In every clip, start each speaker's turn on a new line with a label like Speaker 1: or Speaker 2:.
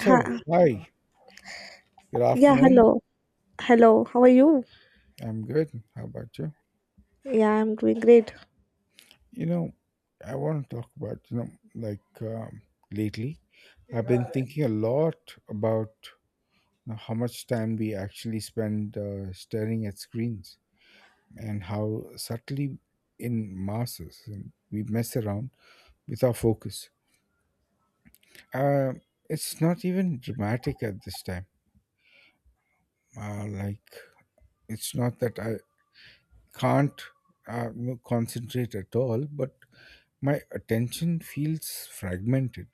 Speaker 1: Ha
Speaker 2: hi, good
Speaker 1: yeah,
Speaker 2: afternoon.
Speaker 1: hello. Hello, how are you?
Speaker 2: I'm good. How about you?
Speaker 1: Yeah, I'm doing great.
Speaker 2: You know, I want to talk about, like um, lately, I've been thinking a lot about how much time we actually spend staring at screens and how subtly in masses and we mess around with our focus. Uh, it's not even dramatic at this time. Uh, like, it's not that I can't concentrate at all, but my attention feels fragmented.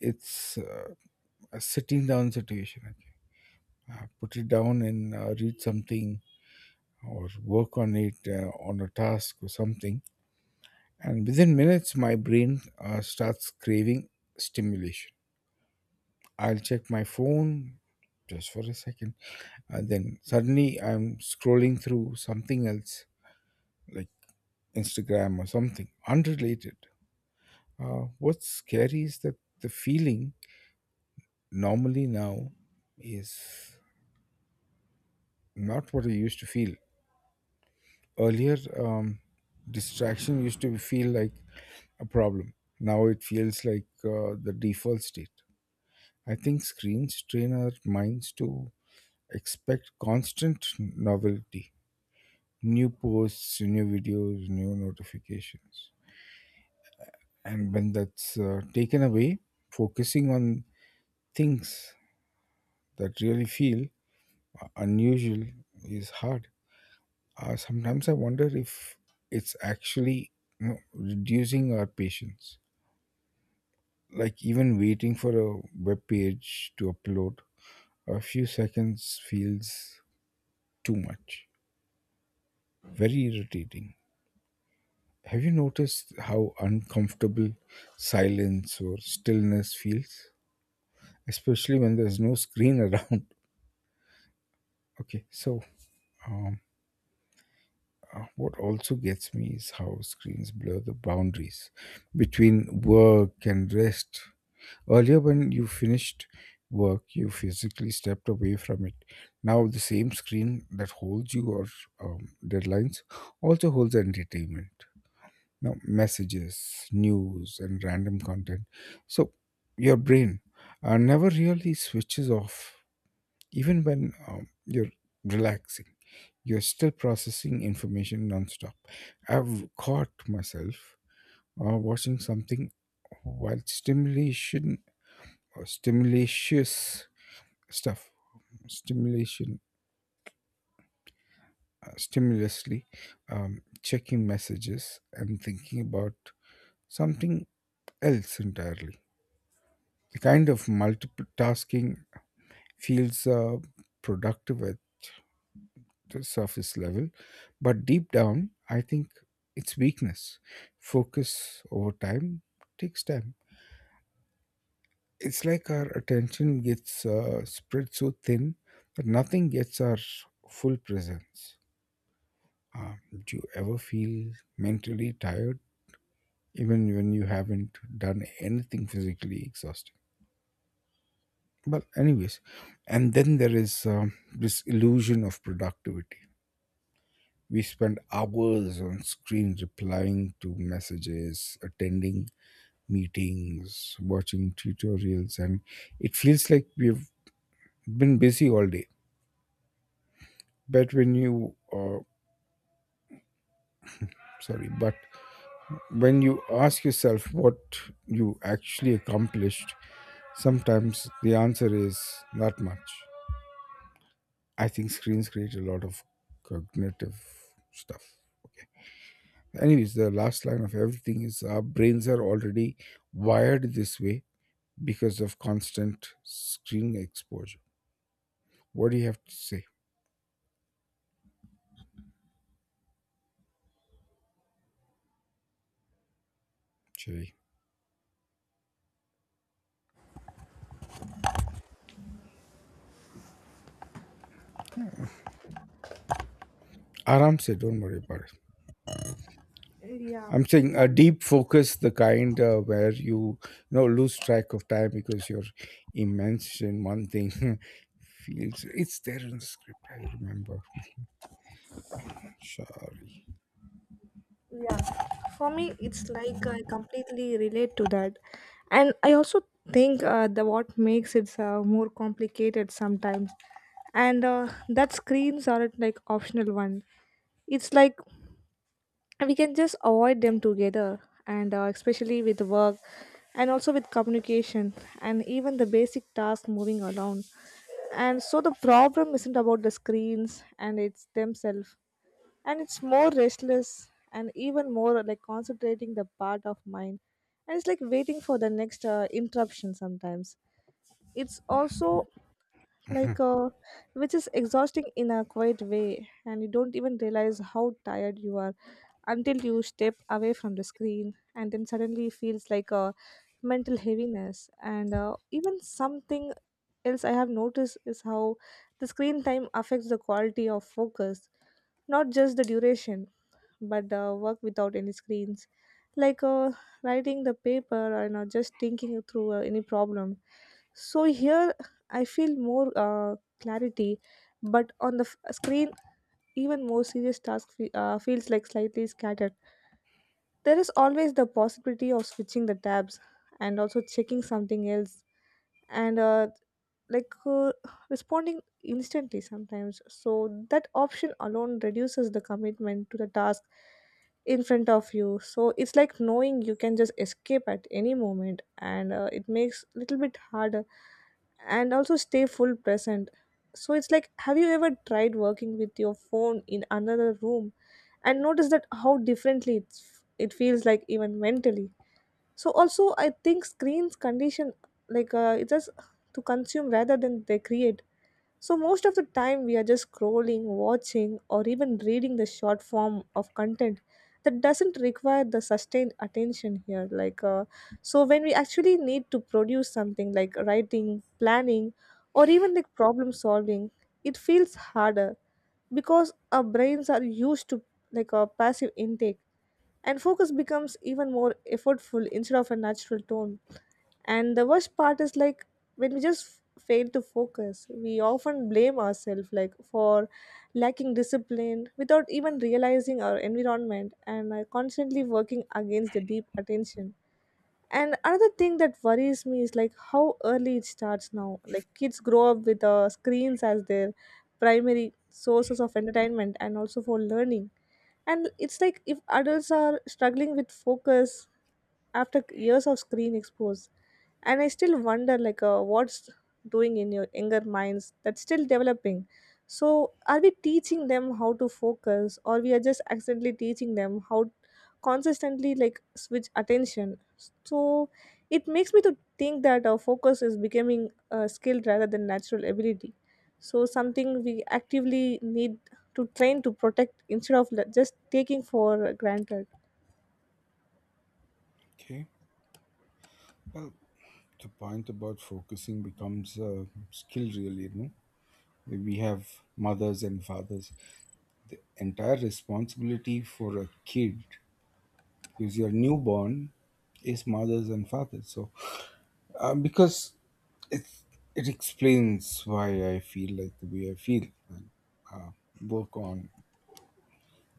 Speaker 2: It's a sitting down situation. I can, put it down and read something or work on it on a task or something. And within minutes, my brain starts craving stimulation. I'll check my phone just for a second. And then suddenly I'm scrolling through something else, like Instagram or something unrelated. What's scary is that the feeling normally now is not what I used to feel. Earlier, distraction used to feel like a problem. Now it feels like the default state. I think screens train our minds to expect constant novelty, new posts, new videos, new notifications. And when that's taken away, focusing on things that really feel unusual is hard. Sometimes I wonder if it's actually reducing our patience. Like even waiting for a web page to upload, a few seconds feels too much. Very irritating. Have you noticed how uncomfortable silence or stillness feels? Especially when there's no screen around. Okay, so um, what also gets me is how screens blur the boundaries between work and rest. Earlier, when you finished work, you physically stepped away from it. Now, the same screen that holds your deadlines also holds entertainment. Now, messages, news, and random content. So, your brain never really switches off, even when you're relaxing. You're still processing information nonstop. I've caught myself watching something while stimulation or stimulatious stuff stimulation stimulously checking messages and thinking about something else entirely. The kind of multitasking feels productive at the surface level, but deep down I think it's weakness focus over time takes time. It's like our attention gets spread so thin that nothing gets our full presence. Uh, do you ever feel mentally tired even when you haven't done anything physically exhausting? But, anyways, and then there is this illusion of productivity. We spend hours on screen replying to messages, attending meetings, watching tutorials, and it feels like we've been busy all day. But when you, sorry, but when you ask yourself what you actually accomplished, sometimes the answer is not much. I think screens create a lot of cognitive stuff. Okay. Anyways, the last line of everything is our brains are already wired this way because of constant screen exposure. What do you have to say, Cherry? Aram say, don't worry about it.
Speaker 1: Yeah,
Speaker 2: I'm saying a
Speaker 1: for me,
Speaker 2: deep focus, the kind where you know lose track of time because you're immersed in one thing. Feels it's there in the script. I remember. Sorry.
Speaker 1: yeah, for me, it's like I completely relate to that, and I also think the what makes it more complicated sometimes, and that screens aren't like optional one. It's like we can just avoid them together and especially with work and also with communication and even the basic task moving around, and so the problem isn't about the screens and it's themselves, and it's more restless and even more like concentrating the part of mind, and it's like waiting for the next interruption sometimes. It's also like
Speaker 2: Mhm.
Speaker 1: which is exhausting in a quiet way, and you don't even realize how tired you are until you step away from the screen, and then suddenly it feels like a mental heaviness and even something else I have noticed is how the screen time affects the quality of focus, not just the duration, but the work without any screens, like writing the paper and just thinking through any problem. So here I feel more clarity, but on the screen, even more serious task feels like slightly scattered. There is always the possibility of switching the tabs and also checking something else, and like responding instantly sometimes, so that option alone reduces the commitment to the task in front of you. So it's like knowing you can just escape at any moment, and it makes little bit harder and also stay full present. So it's like, have you ever tried working with your phone in another room and notice that how differently it feels, like even mentally? So also I think screens condition, like it's just to consume rather than they create. So, most of the time, we are just scrolling, watching, or even reading the short form of content that doesn't require the sustained attention here. Like, so when we actually need to produce something like writing, planning, or even like problem solving, it feels harder because our brains are used to like a passive intake, and focus becomes even more effortful instead of a natural tone. And the worst part is like, when we just fail to focus, we often blame ourselves like for lacking discipline without even realizing our environment and are constantly working against the deep attention. And another thing that worries me is like how early it starts now, like kids grow up with screens as their primary sources of entertainment and also for learning. And it's like if adults are struggling with focus after years of screen expose, and I still wonder like what's doing in your younger minds that's still developing. So are we teaching them how to focus, or we are just accidentally teaching them how consistently like switch attention? So it makes me to think that our focus is becoming a skill rather than natural ability, so something we actively need to train to protect instead of just taking for granted.
Speaker 2: Okay. Well, the point about focusing becomes a skill, really. You know, we have mothers and fathers. The entire responsibility for a kid, because your newborn is mothers and fathers. So, because it it explains why I feel like the way I feel. And, uh, work on,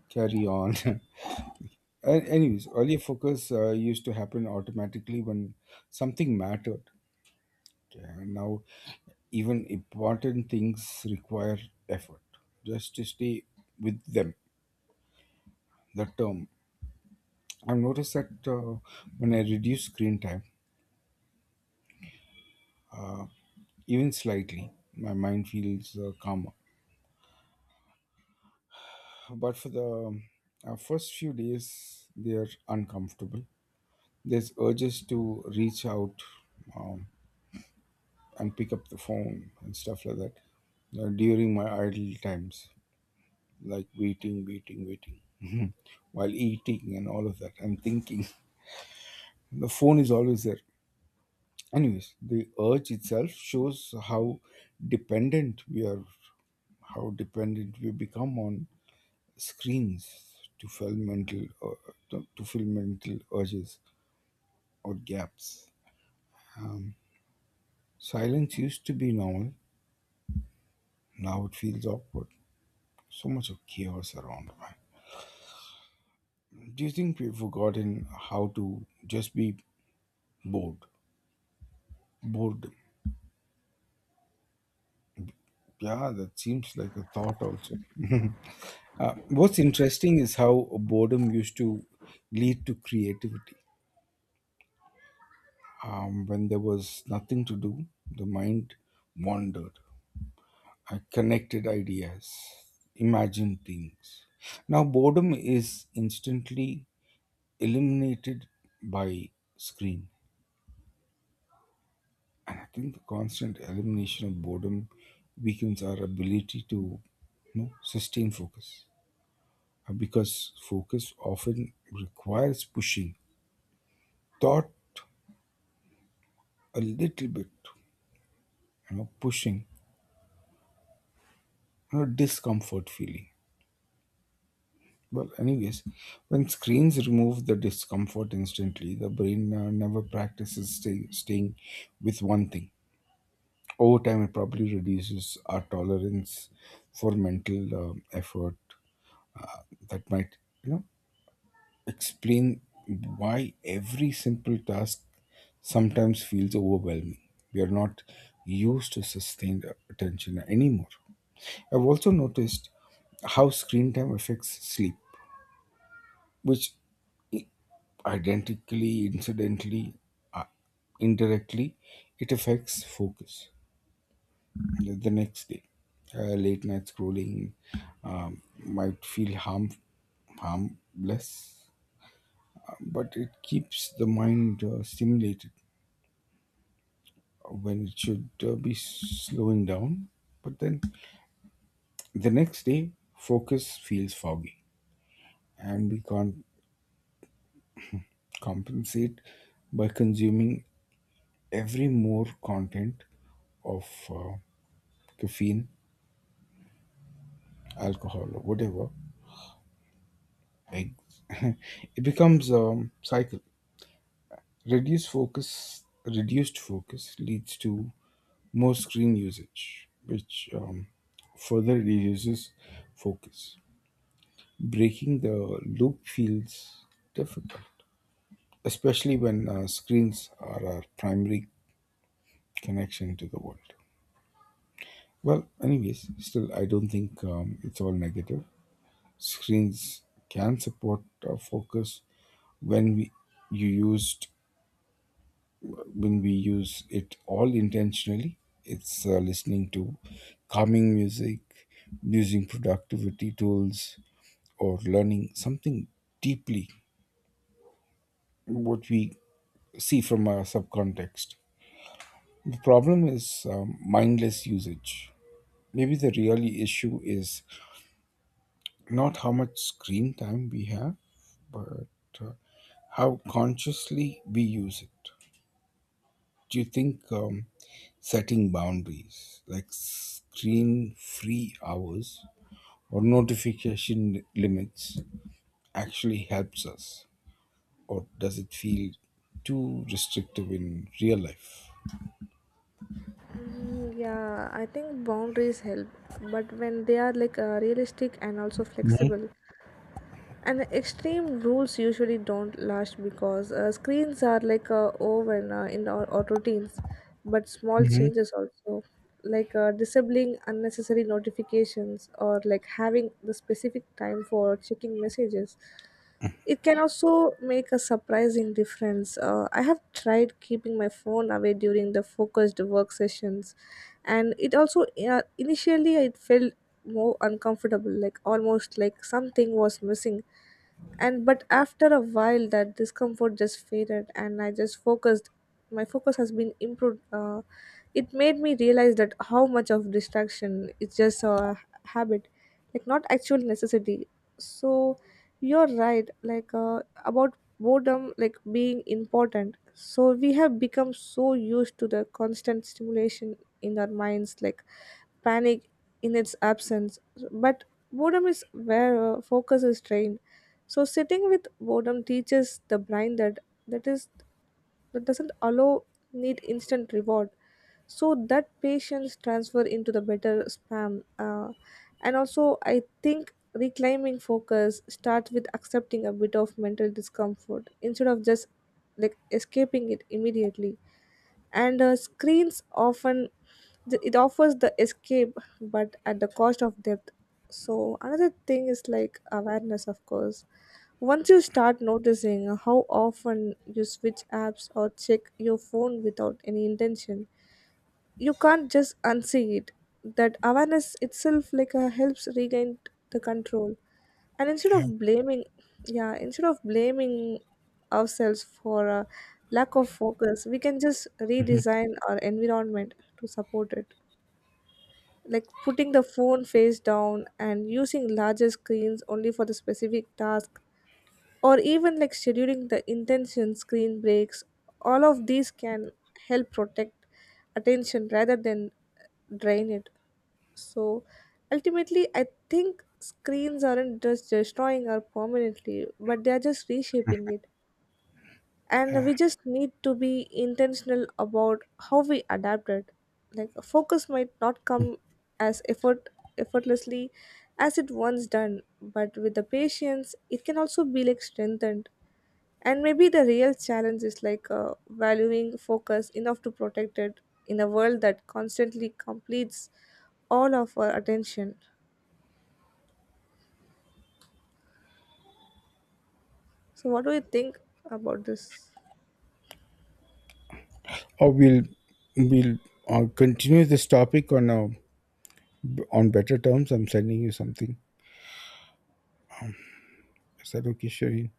Speaker 2: carry on. Anyways, earlier focus used to happen automatically when something mattered. Okay, and now even important things require effort just to stay with them the term. I've noticed that when I reduce screen time even slightly my mind feels calmer, but for the first few days they are uncomfortable. There's urges to reach out um, and pick up the phone and stuff like that during my idle times, like waiting, waiting, waiting while eating and all of that and thinking. The phone is always there. Anyways, the urge itself shows how dependent we are, how dependent we become on screens to fill mental uh, to fill mental urges or gaps. Um, silence used to be normal. Now it feels awkward. So much of chaos around. Right? Do you think we've forgotten how to just be bored? Bored. Yeah, that seems like a thought also. What's interesting is how boredom used to lead to creativity. When there was nothing to do, the mind wandered. I connected ideas, imagined things. Now, boredom is instantly eliminated by screen. And I think the constant elimination of boredom weakens our ability to sustain focus. Because focus often requires pushing thought a little bit, pushing discomfort feeling. Well anyways, when screens remove the discomfort instantly the brain never practices staying with one thing over time. It probably reduces our tolerance for mental effort. uh, that might you know explain why every simple task sometimes feels overwhelming. We are not used to sustained attention anymore. I've also noticed how screen time affects sleep, which identically, incidentally, uh, indirectly, it affects focus the next day. Late night scrolling might harmless, but it keeps the mind stimulated when it should be slowing down. But then the next day, focus feels foggy, and we can't compensate by consuming every more content of caffeine, alcohol, or whatever. Like, it becomes a cycle. Reduced focus leads to more screen usage, which further reduces focus. Breaking the loop feels difficult, especially when screens are our primary connection to the world. Well, anyways, still, I don't think it's all negative. Screens can support focus when we you used when we use it all intentionally. It's listening to calming music, using productivity tools, or learning something deeply what we see from our subcontext. The problem is mindless usage. Maybe the real issue is not how much screen time we have, but uh, how consciously we use it. Do you think setting boundaries like screen free hours or notification limits actually helps us, or does it feel too restrictive in real life?
Speaker 1: Mm, yeah, I think boundaries help, but when they are like realistic and also flexible, and extreme rules usually don't last because screens are like woven in our routines. But small
Speaker 2: Mm-hmm.
Speaker 1: changes also, like disabling unnecessary notifications or like having the specific time for checking messages, it can also make a surprising difference. I have tried keeping my phone away during the focused work sessions, and it also initially it felt more uncomfortable, like almost like something was missing. And but after a while, that discomfort just faded, and I just focused. My focus has been improved. It made me realize that how much of distraction is just a habit, like not actual necessity. So you're right, like about boredom, like being important. So we have become so used to the constant stimulation in our minds, like panic in its absence. But boredom is where focus is trained. So sitting with boredom teaches the brain that that is that doesn't allow need instant reward, so that patience transfer into the better spam and also I think reclaiming focus starts with accepting a bit of mental discomfort instead of just like escaping it immediately. And screens often it offers the escape but at the cost of depth. So another thing is like awareness, of course. Once you start noticing how often you switch apps or check your phone without any intention, you can't just unsee it. That awareness itself like helps regain the control. And instead of
Speaker 2: Yeah.
Speaker 1: blaming, yeah, instead of blaming ourselves for lack of focus, we can just redesign our environment to support it, like putting the phone face down and using larger screens only for the specific task, or even like scheduling the intention screen breaks. All of these can help protect attention rather than drain it. So ultimately I think screens aren't just destroying our permanently, but they are just reshaping it, and we just need to be intentional about how we adapt it. Like focus might not come as effortlessly as it once done, but with the patience it can also be like strengthened. And maybe the real challenge is like valuing focus enough to protect it in a world that constantly completes all of our attention. So what do you think about this?
Speaker 2: Or we'll continue this topic on better terms. I'm sending you something. Is that okay, Shereen?